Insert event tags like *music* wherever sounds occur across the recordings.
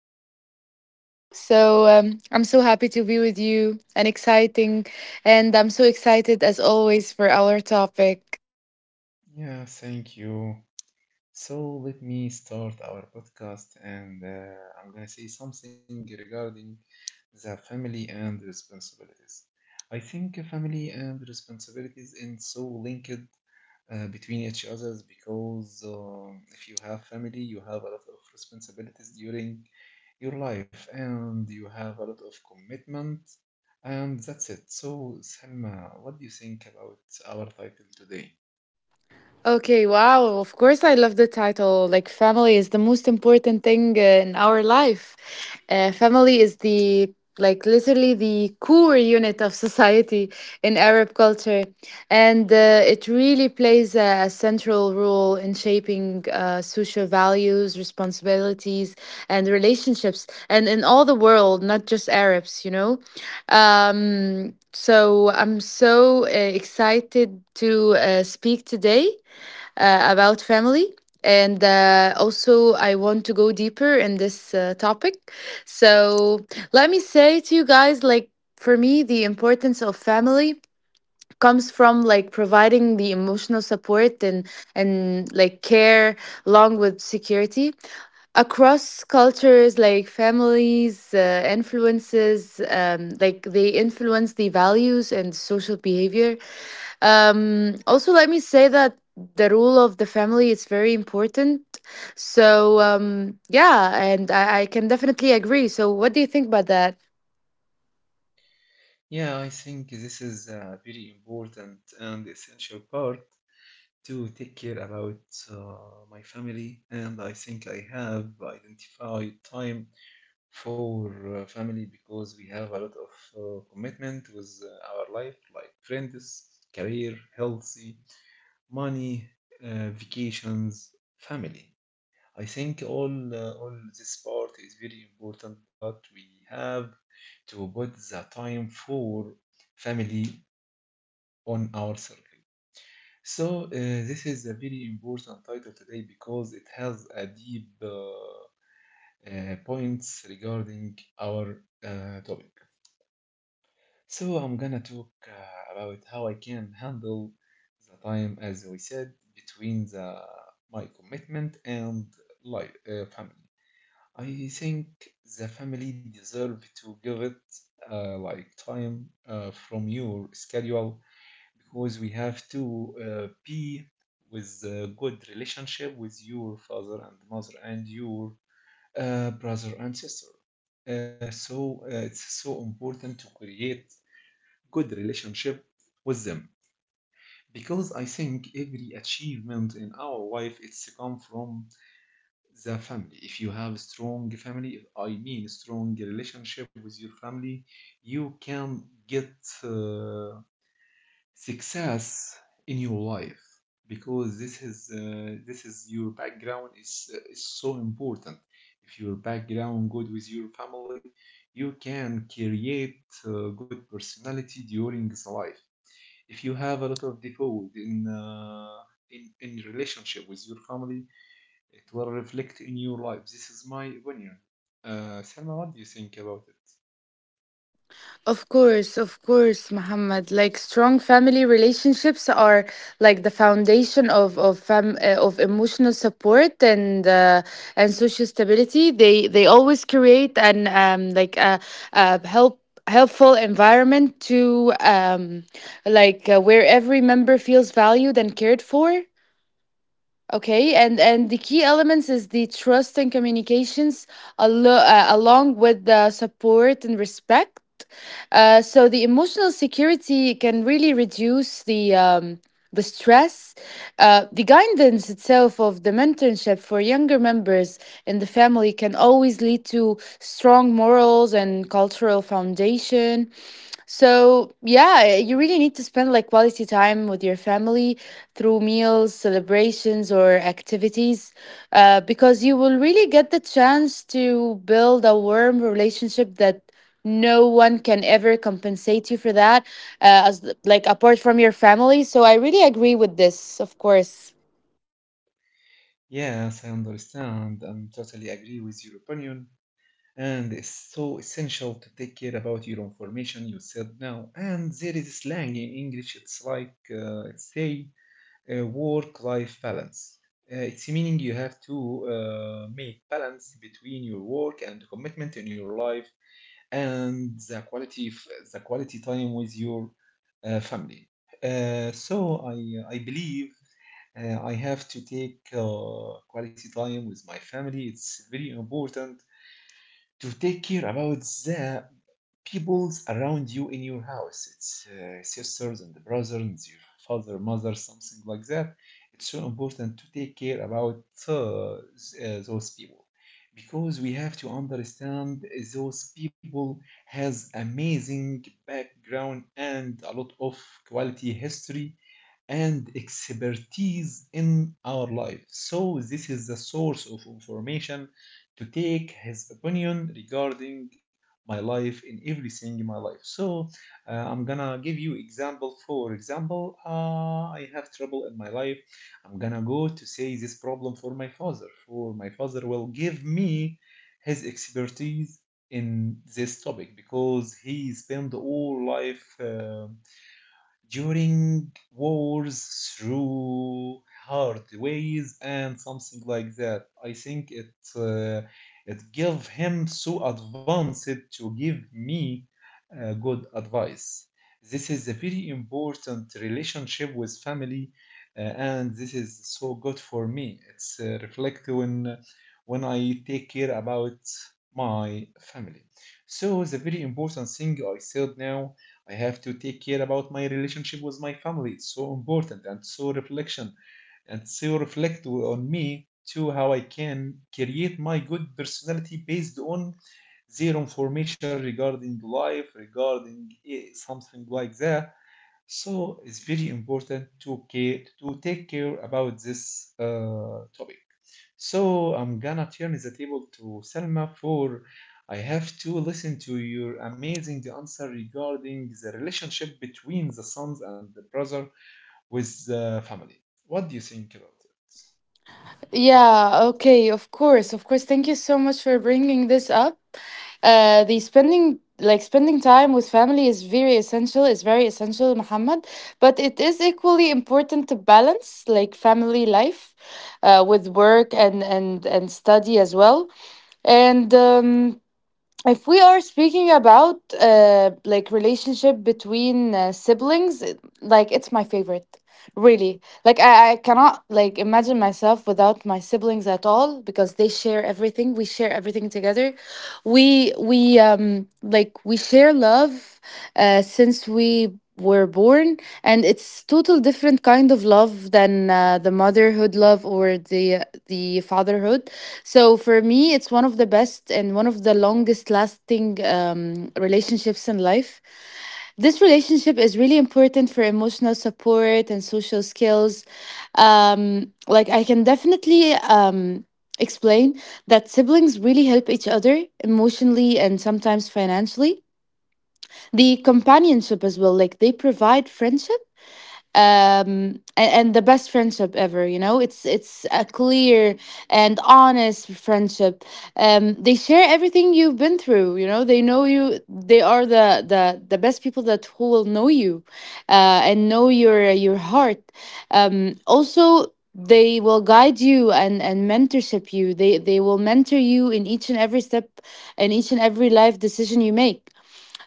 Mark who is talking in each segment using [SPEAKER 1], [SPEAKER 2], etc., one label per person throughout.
[SPEAKER 1] Whoever who is new, I'm so happy to be with you and exciting. And I'm so excited as always for our topic.
[SPEAKER 2] Yeah, thank you. So let me start our podcast, and I'm gonna say something regarding the family and responsibilities. I think family and responsibilities is so linked between each others because if you have family, you have a lot of responsibilities during your life and you have a lot of commitment, and that's it. So, Selma, what do you think about our title today?
[SPEAKER 1] Okay, wow. Of course, I love the title. Like, family is the most important thing in our life. Family is like, literally the core unit of society in Arab culture. And It really plays a central role in shaping social values, responsibilities, and relationships. And in all the world, not just Arabs, you know? So I'm so excited to speak today about family. And Also, I want to go deeper in this topic. So, let me say to you guys, like, for me, the importance of family comes from, like, providing the emotional support and like care along with security across cultures. Like, families influences, like, they influence the values and social behavior. Also, let me say that the rule of the family is very important. So, yeah, and I can definitely agree. So, what do you think about that?
[SPEAKER 2] Yeah, I think this is a very important and essential part to take care about my family, and I think I have identified time for family because we have a lot of commitment with our life, like friends, career, healthy, money, vacations, family. I think all this part is very important, but we have to put the time for family on our circle. So, this is a very important title today because it has a deep points regarding our topic. So, I'm gonna talk about how I can handle the time, as we said, between the my commitment and life family. I think the family deserve to give it like time from your schedule because we have to be with a good relationship with your father and mother and your brother and sister. So it's so important to create good relationship with them because I think every achievement in our life it's come from the family. If you have strong family, if I mean strong relationship with your family, you can get. Uh, Success in your life because this is your background is so important if your background good with your family you can create good personality during this life if you have a lot of default in in relationship with your family it will reflect in your life. This is my opinion. Selma, what do you think about it?
[SPEAKER 1] Of course, Muhammad. Like, strong family relationships are like the foundation of emotional support and social stability. They always create an, like a helpful environment to, like, where every member feels valued and cared for. Okay, and the key elements is the trust and communications, along with the support and respect. So the emotional security can really reduce the stress, the guidance itself of the mentorship for younger members in the family can always lead to strong morals and cultural foundation. So yeah, you really need to spend like quality time with your family through meals, celebrations, or activities, because you will really get the chance to build a warm relationship that no one can ever compensate you for that, as like apart from your family. So I really agree with this, of course.
[SPEAKER 2] Yes, I understand and totally agree with your opinion, and it's so essential to take care about your information you said now. And there is slang in English, it's like say work life balance. It's meaning you have to make balance between your work and commitment in your life and the quality the quality time with your family. So I believe I have to take quality time with my family. It's very important to take care about the peoples around you in your house. It's sisters and brothers, your father, mother, something like that. It's so important to take care about uh, those people because we have to understand those people has amazing background and a lot of quality history and expertise in our life. So this is the source of information to take his opinion regarding my life in everything in my life. So I'm gonna give you example. For example, I have trouble in my life, I'm gonna go to say this problem for my father, for my father will give me his expertise in this topic because he spent all life during wars through hard ways and something like that. I think it it gave him so advanced to give me good advice. This is a very important relationship with family, and this is so good for me. It's reflect when I take care about my family. So the very important thing I said now, I have to take care about my relationship with my family. It's so important and so reflection and so reflect on me too how I can create my good personality based on their information regarding life, regarding eh, something like that. So it's very important to care to take care about this topic. So I'm gonna turn the table to Selma for I have to listen to your amazing answer regarding the relationship between the sons and the brother with the family. What do you think about it?
[SPEAKER 1] Yeah, okay, of course, of course. Thank you so much for bringing this up. The spending, like Spending time with family is very essential. Is very essential, Muhammad. But it is equally important to balance like family life, with work and study as well. And If we are speaking about like relationship between siblings, like it's my favorite. Really, like, I cannot, like, imagine myself without my siblings at all, because they share everything we share everything together. We like we share love since we were born, and it's total different kind of love than the motherhood love or the fatherhood. So for me it's one of the best and one of the longest lasting relationships in life. This relationship is really important for emotional support and social skills. Like, I can definitely explain that siblings really help each other emotionally and sometimes financially. The companionship as well, like, they provide friendship, and the best friendship ever, you know. It's a clear and honest friendship. They share everything you've been through, you know. They know you. They are the best people that who will know you and know your heart. Also, they will guide you and mentorship you they will mentor you in each and every step and each and every life decision you make.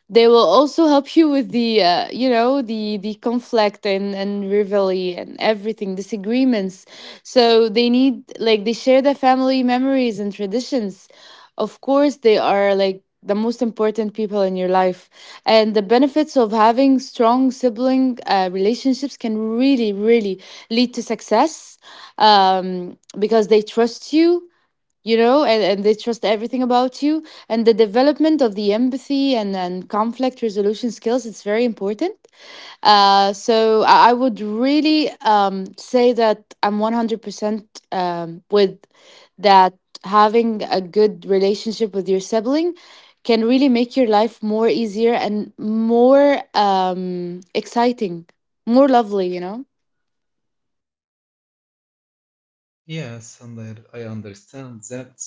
[SPEAKER 1] They will also help you with the conflict and rivalry and everything, disagreements. So they need, like, they share their family memories and traditions. Of course, they are like the most important people in your life, and the benefits of having strong sibling relationships can really, really lead to success, because they trust you, you know, and they trust everything about you. And the development of the empathy and conflict resolution skills, it's very important. So I would really say that I'm 100% with that, having a good relationship with your sibling can really make your life more easier and more, um, exciting, more lovely, you know.
[SPEAKER 2] Yes, and I understand that,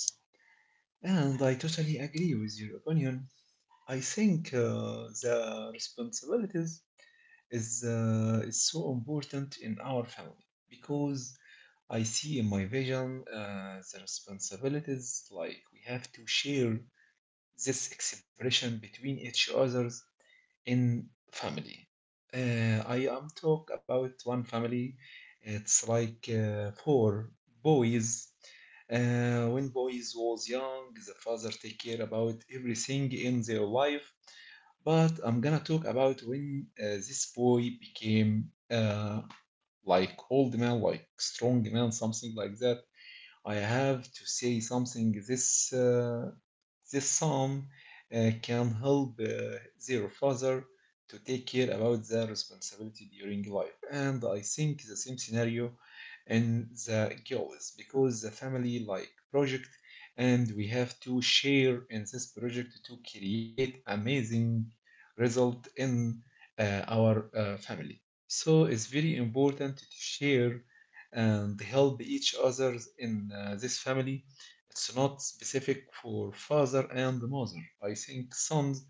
[SPEAKER 2] and I totally agree with your opinion. I think the responsibilities is so important in our family because I see in my vision the responsibilities like we have to share this expression between each others in family. I am talk about one family. It's like four boys. When boys was young, the father take care about everything in their life. But I'm gonna talk about when this boy became like old man, like strong man, something like that. I have to say something. This The son can help their father to take care about their responsibility during life. And I think the same scenario in the girls because the family like project, and we have to share in this project to create amazing result in our family. So it's very important to share and help each other in this family. It's not specific for father and mother. I think sons,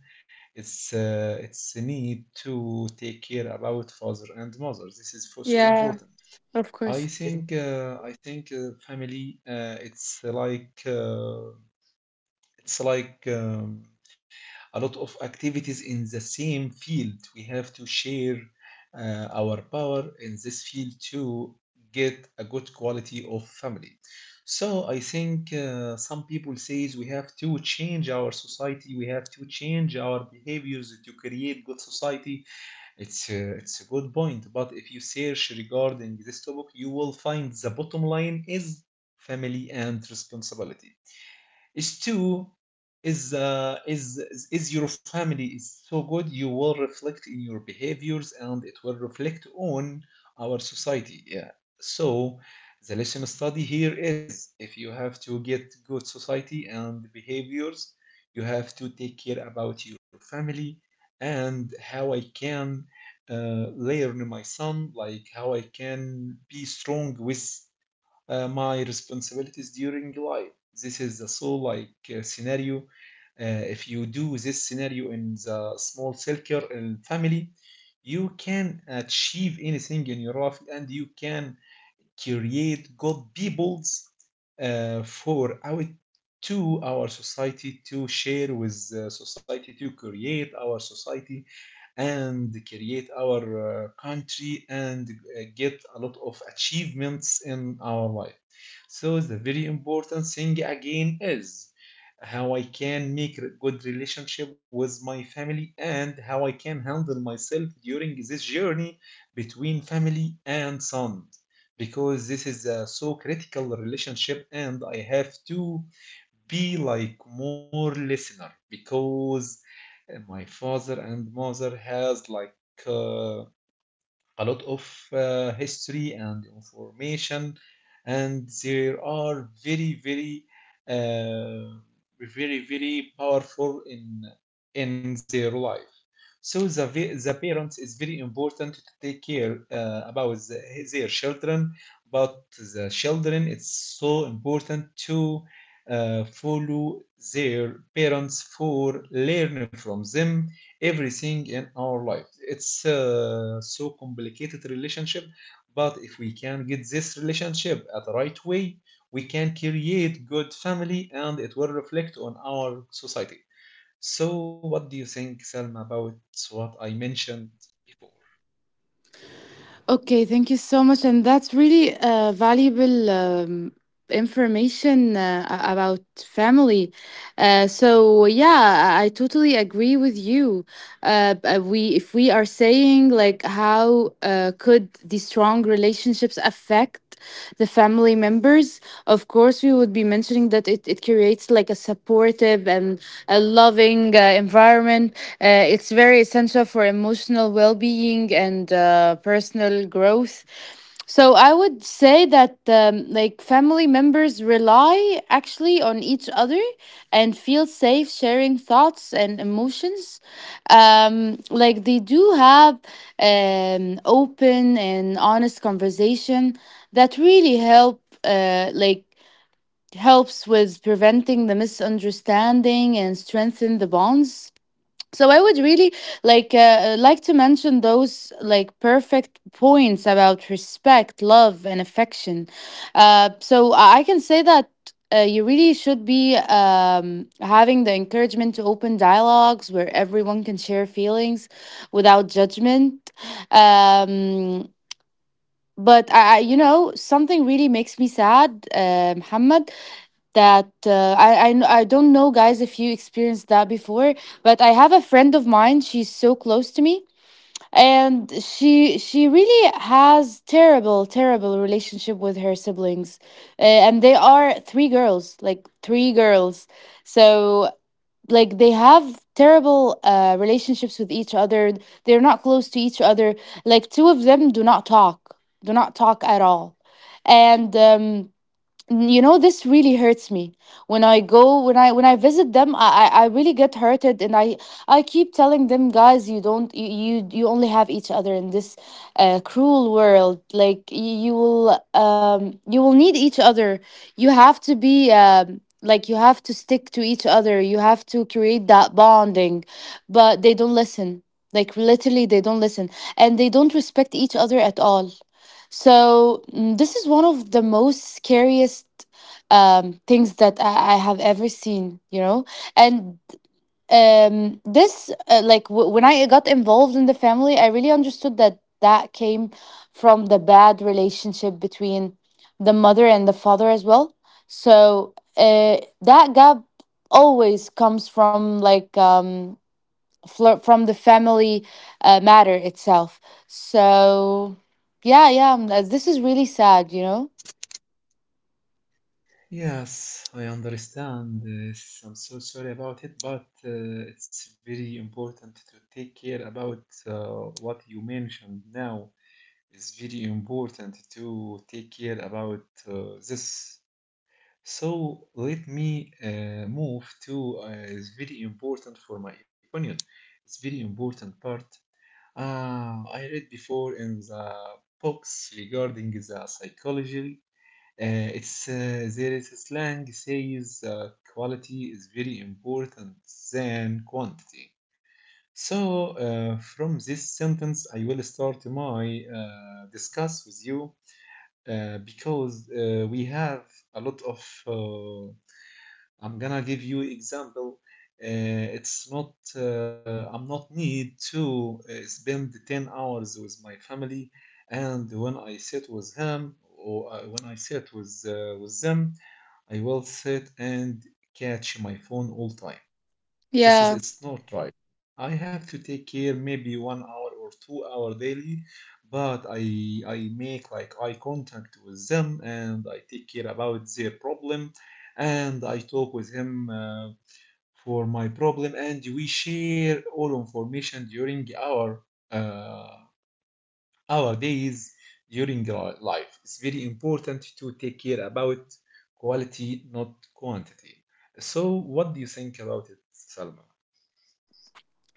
[SPEAKER 2] it's a need to take care about father and mother. This is for so
[SPEAKER 1] Yeah,
[SPEAKER 2] important.
[SPEAKER 1] of
[SPEAKER 2] I
[SPEAKER 1] course.
[SPEAKER 2] think family it's like a lot of activities in the same field. We have to share our power in this field to get a good quality of family. So I think some people says we have to change our society. We have to change our behaviors to create good society. It's a good point. But if you search regarding this topic, you will find the bottom line is family and responsibility. Is two is is your family is so good, you will reflect in your behaviors and it will reflect on our society. Yeah. So the lesson study here is if you have to get good society and behaviors, you have to take care about your family. And how I can uh, learn my son, like how I can be strong with my responsibilities during life. This is the soul like scenario. If you do this scenario in the small circle and family, you can achieve anything in your life and you can create good peoples for our to our society to share with society to create our society and create our country and get a lot of achievements in our life. So the very important thing again is how I can make a good relationship with my family and how I can handle myself during this journey between family and son. Because this is a so critical relationship, and I have to be like more listener because my father and mother has like uh, a lot of history and information, and there are very very uh, very very powerful in their life. So the parents is very important to take care about the, their children. But the children it's so important to follow their parents for learn from them everything in our life. It's a so complicated relationship, but if we can get this relationship at the right way, we can create good family and it will reflect on our society. So what do you think, Selma, about what I mentioned before?
[SPEAKER 1] Okay, thank you so much. And that's really a valuable information about family. So yeah, I totally agree with you. B- we If we are saying, like, how could the strong relationships affect the family members, of course we would be mentioning that, it creates like a supportive and a loving environment. It's very essential for emotional well-being and personal growth. So I would say that, like, family members rely actually on each other and feel safe sharing thoughts and emotions. Like, they do have an open and honest conversation that really helps with preventing the misunderstanding and strengthen the bonds. So I would really like, like to mention those like perfect points about respect, love, and affection. So I can say that you really should be um, having the encouragement to open dialogues where everyone can share feelings without judgment. um, but you know, something really makes me sad, Muhammad, that I don't know, guys, if you experienced that before, but I have a friend of mine. She's so close to me, and she really has terrible, terrible relationship with her siblings, and they are three girls, like three girls. So like they have terrible relationships with each other. They're not close to each other. Like two of them do not talk, do not talk at all. And you know, this really hurts me. When I go, when I visit them, I really get hurted, and I keep telling them, guys, you don't you you you only have each other in this cruel world. You will, you will need each other. You have to be, like, you have to stick to each other. You have to create that bonding, but they don't listen. Like, literally they don't listen, and they don't respect each other at all. So, this is one of the most scariest, things that I have ever seen, you know. And, when I got involved in the family, I really understood that that came from the bad relationship between the mother and the father as well. So that gap always comes from like, from the family matter itself. So, yeah, yeah, this is really sad, you know?
[SPEAKER 2] Yes, I understand this. I'm so sorry about it, but it's very important to take care about what you mentioned now. It's very important to take care about this. So let me move to it's very important for my opinion. It's very important part. I read before in the books regarding the psychology. It's there is a slang says quality is very important than quantity. So, from this sentence, I will start my discuss with you because we have a lot of I'm gonna give you example. It's not I'm not need to spend 10 hours with my family, and when I sit with him or when I sit with them, I will sit and catch my phone all time. This is
[SPEAKER 1] Yeah.
[SPEAKER 2] it's not right. I have to take care maybe 1 hour or 2 hour daily, but I make like eye contact with them and I take care about their problem and I talk with him for my problem and we share all information during uh, our days during our life. It's very important to take care about quality, not quantity. So what do you think about it, Salma?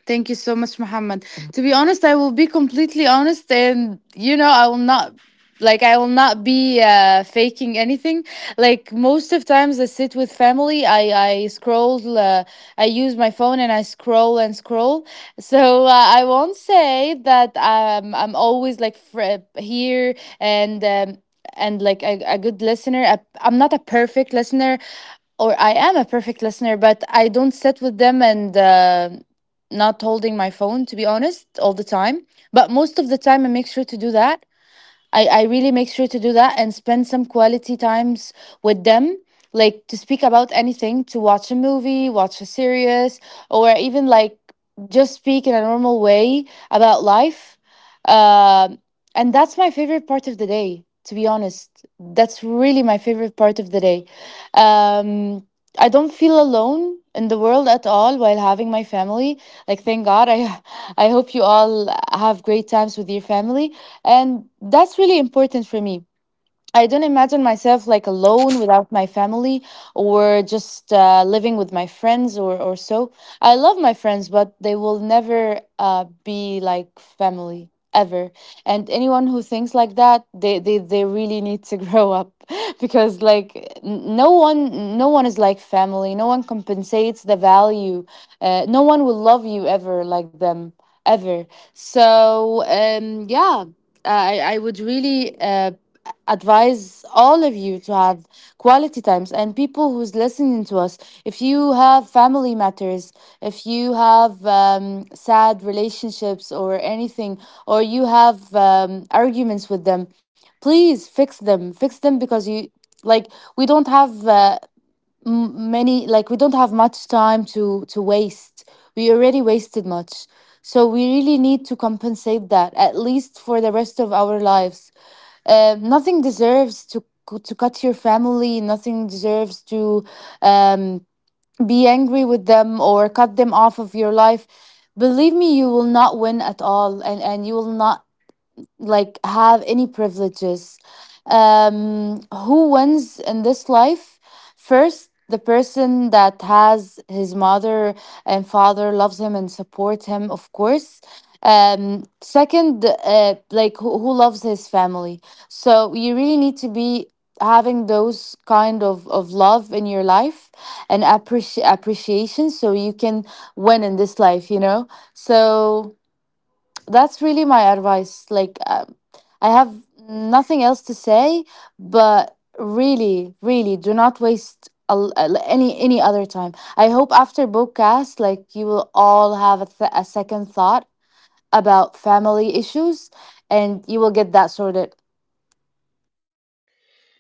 [SPEAKER 1] Thank you so much, Muhammad. To be honest, I will be completely honest, and you know, I will not, like, I will not be faking anything. Like, most of times, I sit with family. I scroll. I use my phone and I scroll and scroll. So I won't say that I'm always like, here and. And like a good listener. I'm not a perfect listener, or I am a perfect listener, but I don't sit with them and, not holding my phone, to be honest, all the time. But most of the time I make sure to do that. I really make sure to do that and spend some quality times with them, like to speak about anything, to watch a movie, watch a series, or even like just speak in a normal way about life. Um and that's my favorite part of the day, to be honest. That's really my favorite part of the day. um, I don't feel alone in the world at all while having my family. Like, thank god I *laughs* I hope you all have great times with your family, and that's really important for me. I don't imagine myself like alone without my family or just living with my friends or so. I love my friends, but they will never be like family ever. And anyone who thinks like that, they really need to *laughs* grow up, because like, no one is like family. No one compensates the value. No one will love you ever like them, ever. So, I would really advise all of you to have quality times and people who's listening to us. If you have family matters, if you have sad relationships or anything, or you have arguments with them, please fix them because you like we don't have m- many like we don't have much time to waste. We already wasted much, so we really need to compensate that at least for the rest of our lives. Nothing deserves to to cut your family, nothing deserves to um, be angry with them or cut them off of your life. Believe me, you will not win at all, and you will not like have any privileges. Who wins in this life? First, the person that has his mother and father loves him and support him, of course. Second, like who loves his family. So you really need to be having those kind of love in your life and appreciation, so you can win in this life, you know? So that's really my advice. Like, I have nothing else to say, but really, really, do not waste a l- any other time. I hope after bookcast, like you will all have a, a second thought about family issues, and you will get that sorted.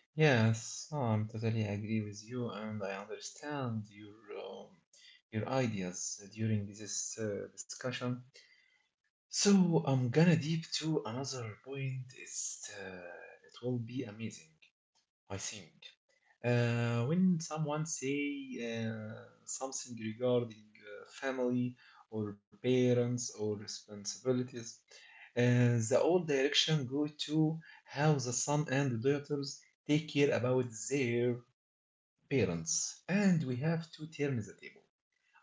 [SPEAKER 2] Yes, I'm totally agree with you, and I understand your ideas during this discussion. So I'm gonna deep to another point. Is it will be amazing, I think. When someone say uh, something regarding family or parents or responsibilities, the old direction go to how the son and daughters take care about their parents, and we have to turn the table.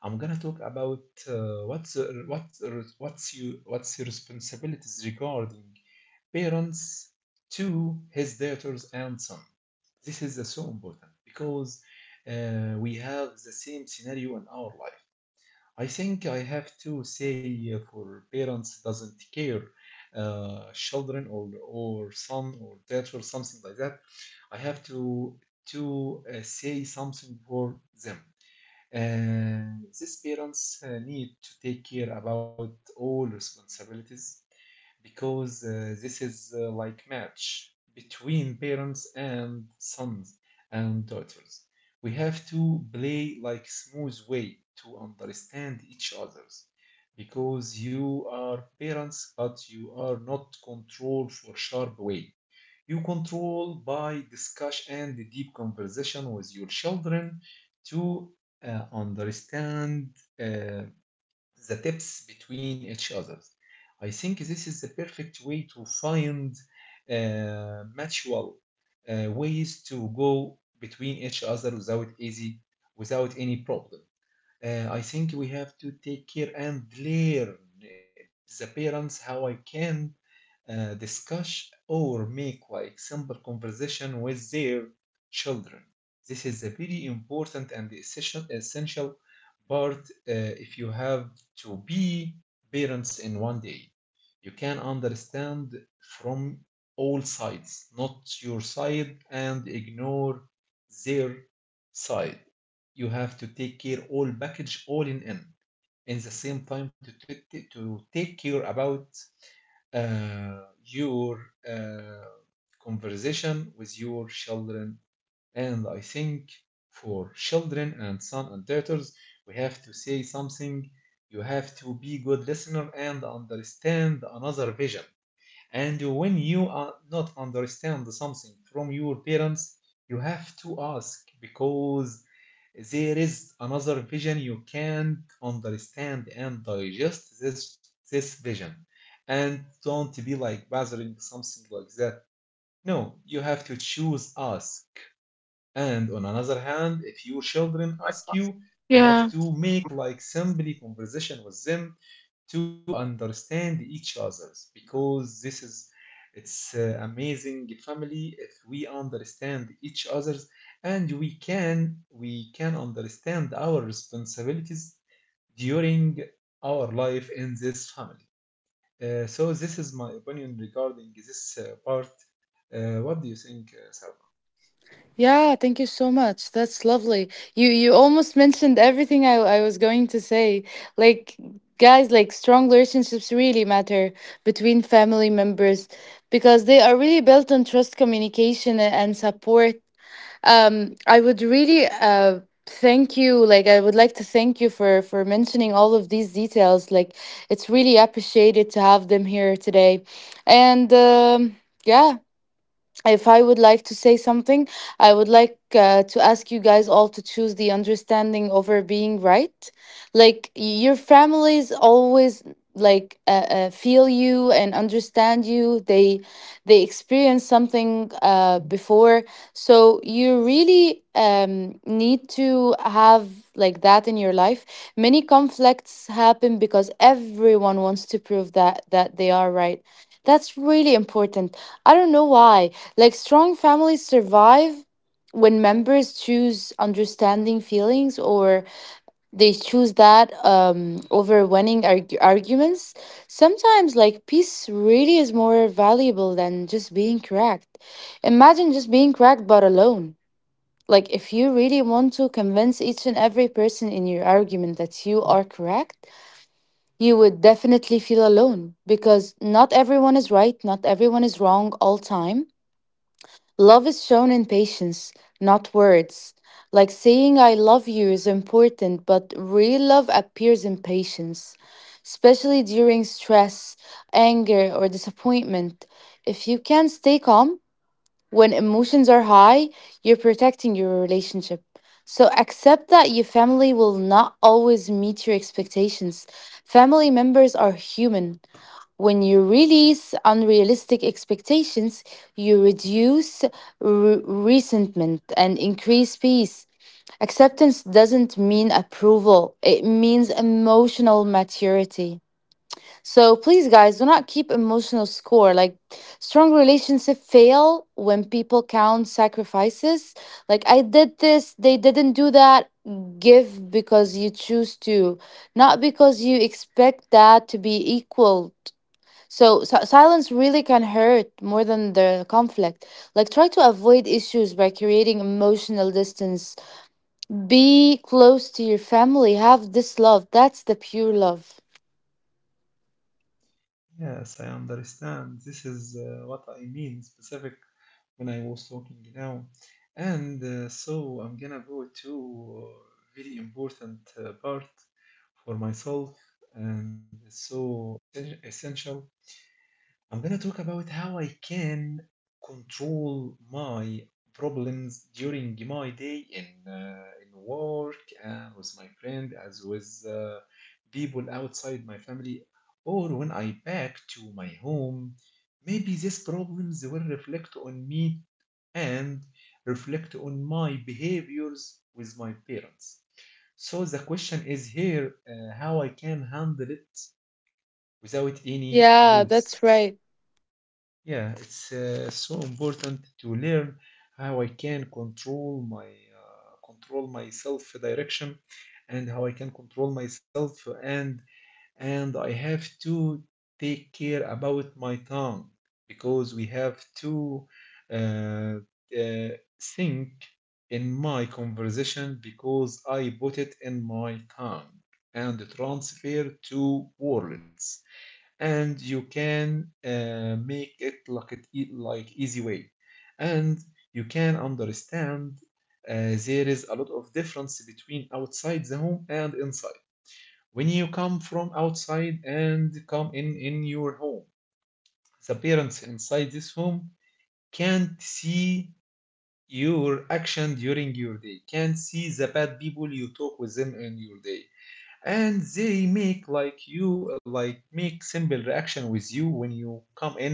[SPEAKER 2] I'm gonna talk about what's your responsibilities regarding parents to his daughters and son. This is so important because we have the same scenario in our life. I think I have to say for parents doesn't care children or son or daughter something like that. I have to say something for them. Uh, these parents need to take care about all responsibilities because this is like match between parents and sons and daughters. We have to play like smooth way to understand each others because you are parents but you are not controlled for sharp way. You control by discussion and the deep conversation with your children to understand uh, the tips between each other. I think this is the perfect way to find mutual ways to go between each other without easy, without any problem. I think we have to take care and learn the parents how I can discuss or make like simple conversation with their children. This is a very important and essential part if you have to be parents in one day. You can understand from all sides, not your side, and ignore their side. You have to take care all package all in in the same time to take care about uh, your uh, conversation with your children. And I think for children and son and daughters, we have to say something. You have to be good listener and understand another vision. And when you are not understand something from your parents, you have to ask because there is another vision you can't understand and digest this vision. And don't be like bothering something like that. No, you have to choose us. And on another hand, if your children ask you, you have
[SPEAKER 1] Yeah.
[SPEAKER 2] to make like simply conversation with them to understand each other's because this is it's amazing family if we understand each other's and we can understand our responsibilities during our life in this family. So this is my opinion regarding this part. What do you think, Sarah?
[SPEAKER 1] Yeah, thank you so much. That's lovely. You almost mentioned everything I was going to say. Like, guys, like strong relationships really matter between family members because they are really built on trust, communication, and support. I would really thank you. Like, I would like to thank you for mentioning all of these details. Like, it's really appreciated to have them here today, and yeah, if I would like to say something, I would like to ask you guys all to choose the understanding over being right. Like, your families always like feel you and understand you. They experience something before, so you really need to have like that in your life. Many conflicts happen because everyone wants to prove that they are right. That's really important. I don't know why. Like, strong families survive when members choose understanding feelings, or they choose that over winning arguments. Sometimes, like, peace really is more valuable than just being correct. Imagine just being correct but alone. Like, if you really want to convince each and every person in your argument that you are correct, you would definitely feel alone, because not everyone is right, not everyone is wrong all time. Love is shown in patience, not words. Like, saying I love you is important, but real love appears in patience, especially during stress, anger, or disappointment. If you can stay calm when emotions are high, you're protecting your relationship. So accept that your family will not always meet your expectations. Family members are human. When you release unrealistic expectations, you reduce resentment and increase peace. Acceptance doesn't mean approval, it means emotional maturity. So please, guys, do not keep emotional score. Like, strong relationships fail when people count sacrifices. Like, I did this, they didn't do that. Give because you choose to, not because you expect that to be equal. So, silence really can hurt more than the conflict. Like, try to avoid issues by creating emotional distance. Be close to your family. Have this love. That's the pure love.
[SPEAKER 2] Yes, I understand. This is what I mean specific when I was talking now. And so I'm gonna go to very important part for myself and so essential. I'm gonna talk about how I can control my problems during my day in work and with my friend as with people outside my family or when I back to my home. Maybe these problems will reflect on me and reflect on my behaviors with my parents. So the question is here, how I can handle it without any
[SPEAKER 1] Yeah,
[SPEAKER 2] loss.
[SPEAKER 1] that's right.
[SPEAKER 2] Yeah, it's so important to learn how I can control my self-direction and how I can control myself and I have to take care about my tongue because we have to uh, uh, think in my conversation because I put it in my tongue and transfer to words and you can make it like like easy way and you can understand uh, there is a lot of difference between outside the home and inside. When you come from outside and come in your home, the parents inside this home can't see your action during your day, can't see the bad people you talk with them in your day, and they make like you like make simple reaction with you when you come in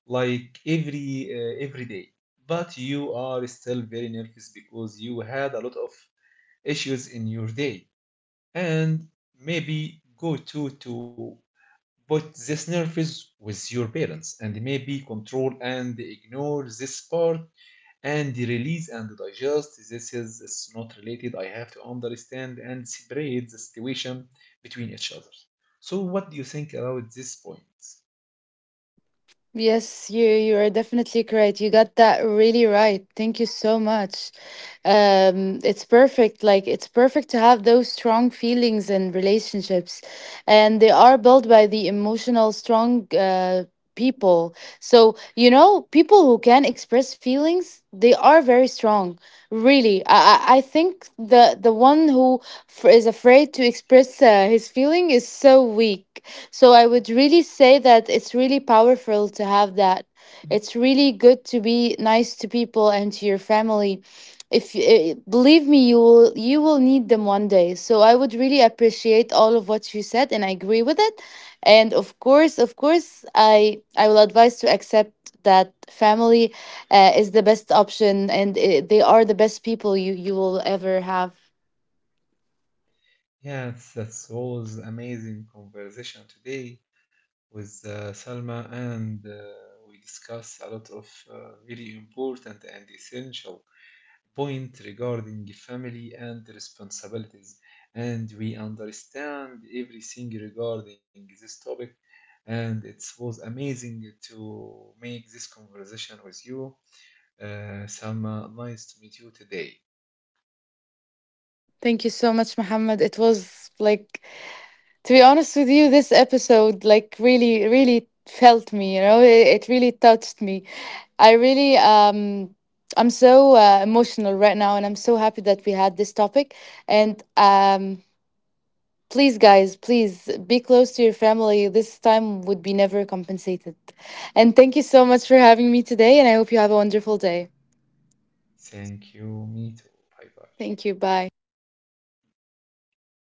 [SPEAKER 2] like every day, but you are still very nervous because you had a lot of issues in your day, and maybe go to put this nervous with your parents and maybe control and ignore this part and release and digest this. Is it's not related. I have to understand and separate the situation between each other. So what do you think about this point?
[SPEAKER 1] Yes, you are definitely correct. You got that really right. Thank you so much. It's perfect. Like, it's perfect to have those strong feelings and relationships, and they are built by the emotional strong people. So you know, people who can express feelings, they are very strong. Really, I think the one who is afraid to express his feeling is so weak. So I would really say that it's really powerful to have that. It's really good to be nice to people and to your family. If eh, believe me, you will need them one day. So I would really appreciate all of what you said, and I agree with it. And of course, I will advise to accept that family is the best option, and eh, they are the best people you will ever have.
[SPEAKER 2] Yes, that was amazing conversation today with Salma, and we discuss a lot of very important and essential point regarding family and responsibilities, and we understand everything regarding this topic, and it was amazing to make this conversation with you, uh, Salma. Nice to meet you today.
[SPEAKER 1] Thank you so much, Mohammed. It was like, to be honest with you, this episode like really, really felt me, you know, it really touched me. I really, I'm so emotional right now, and I'm so happy that we had this topic. And please, guys, please be close to your family. This time would be never compensated. And thank you so much for having me today, and I hope you have a wonderful day.
[SPEAKER 2] Thank you. Me too. Bye bye.
[SPEAKER 1] Thank you. Bye.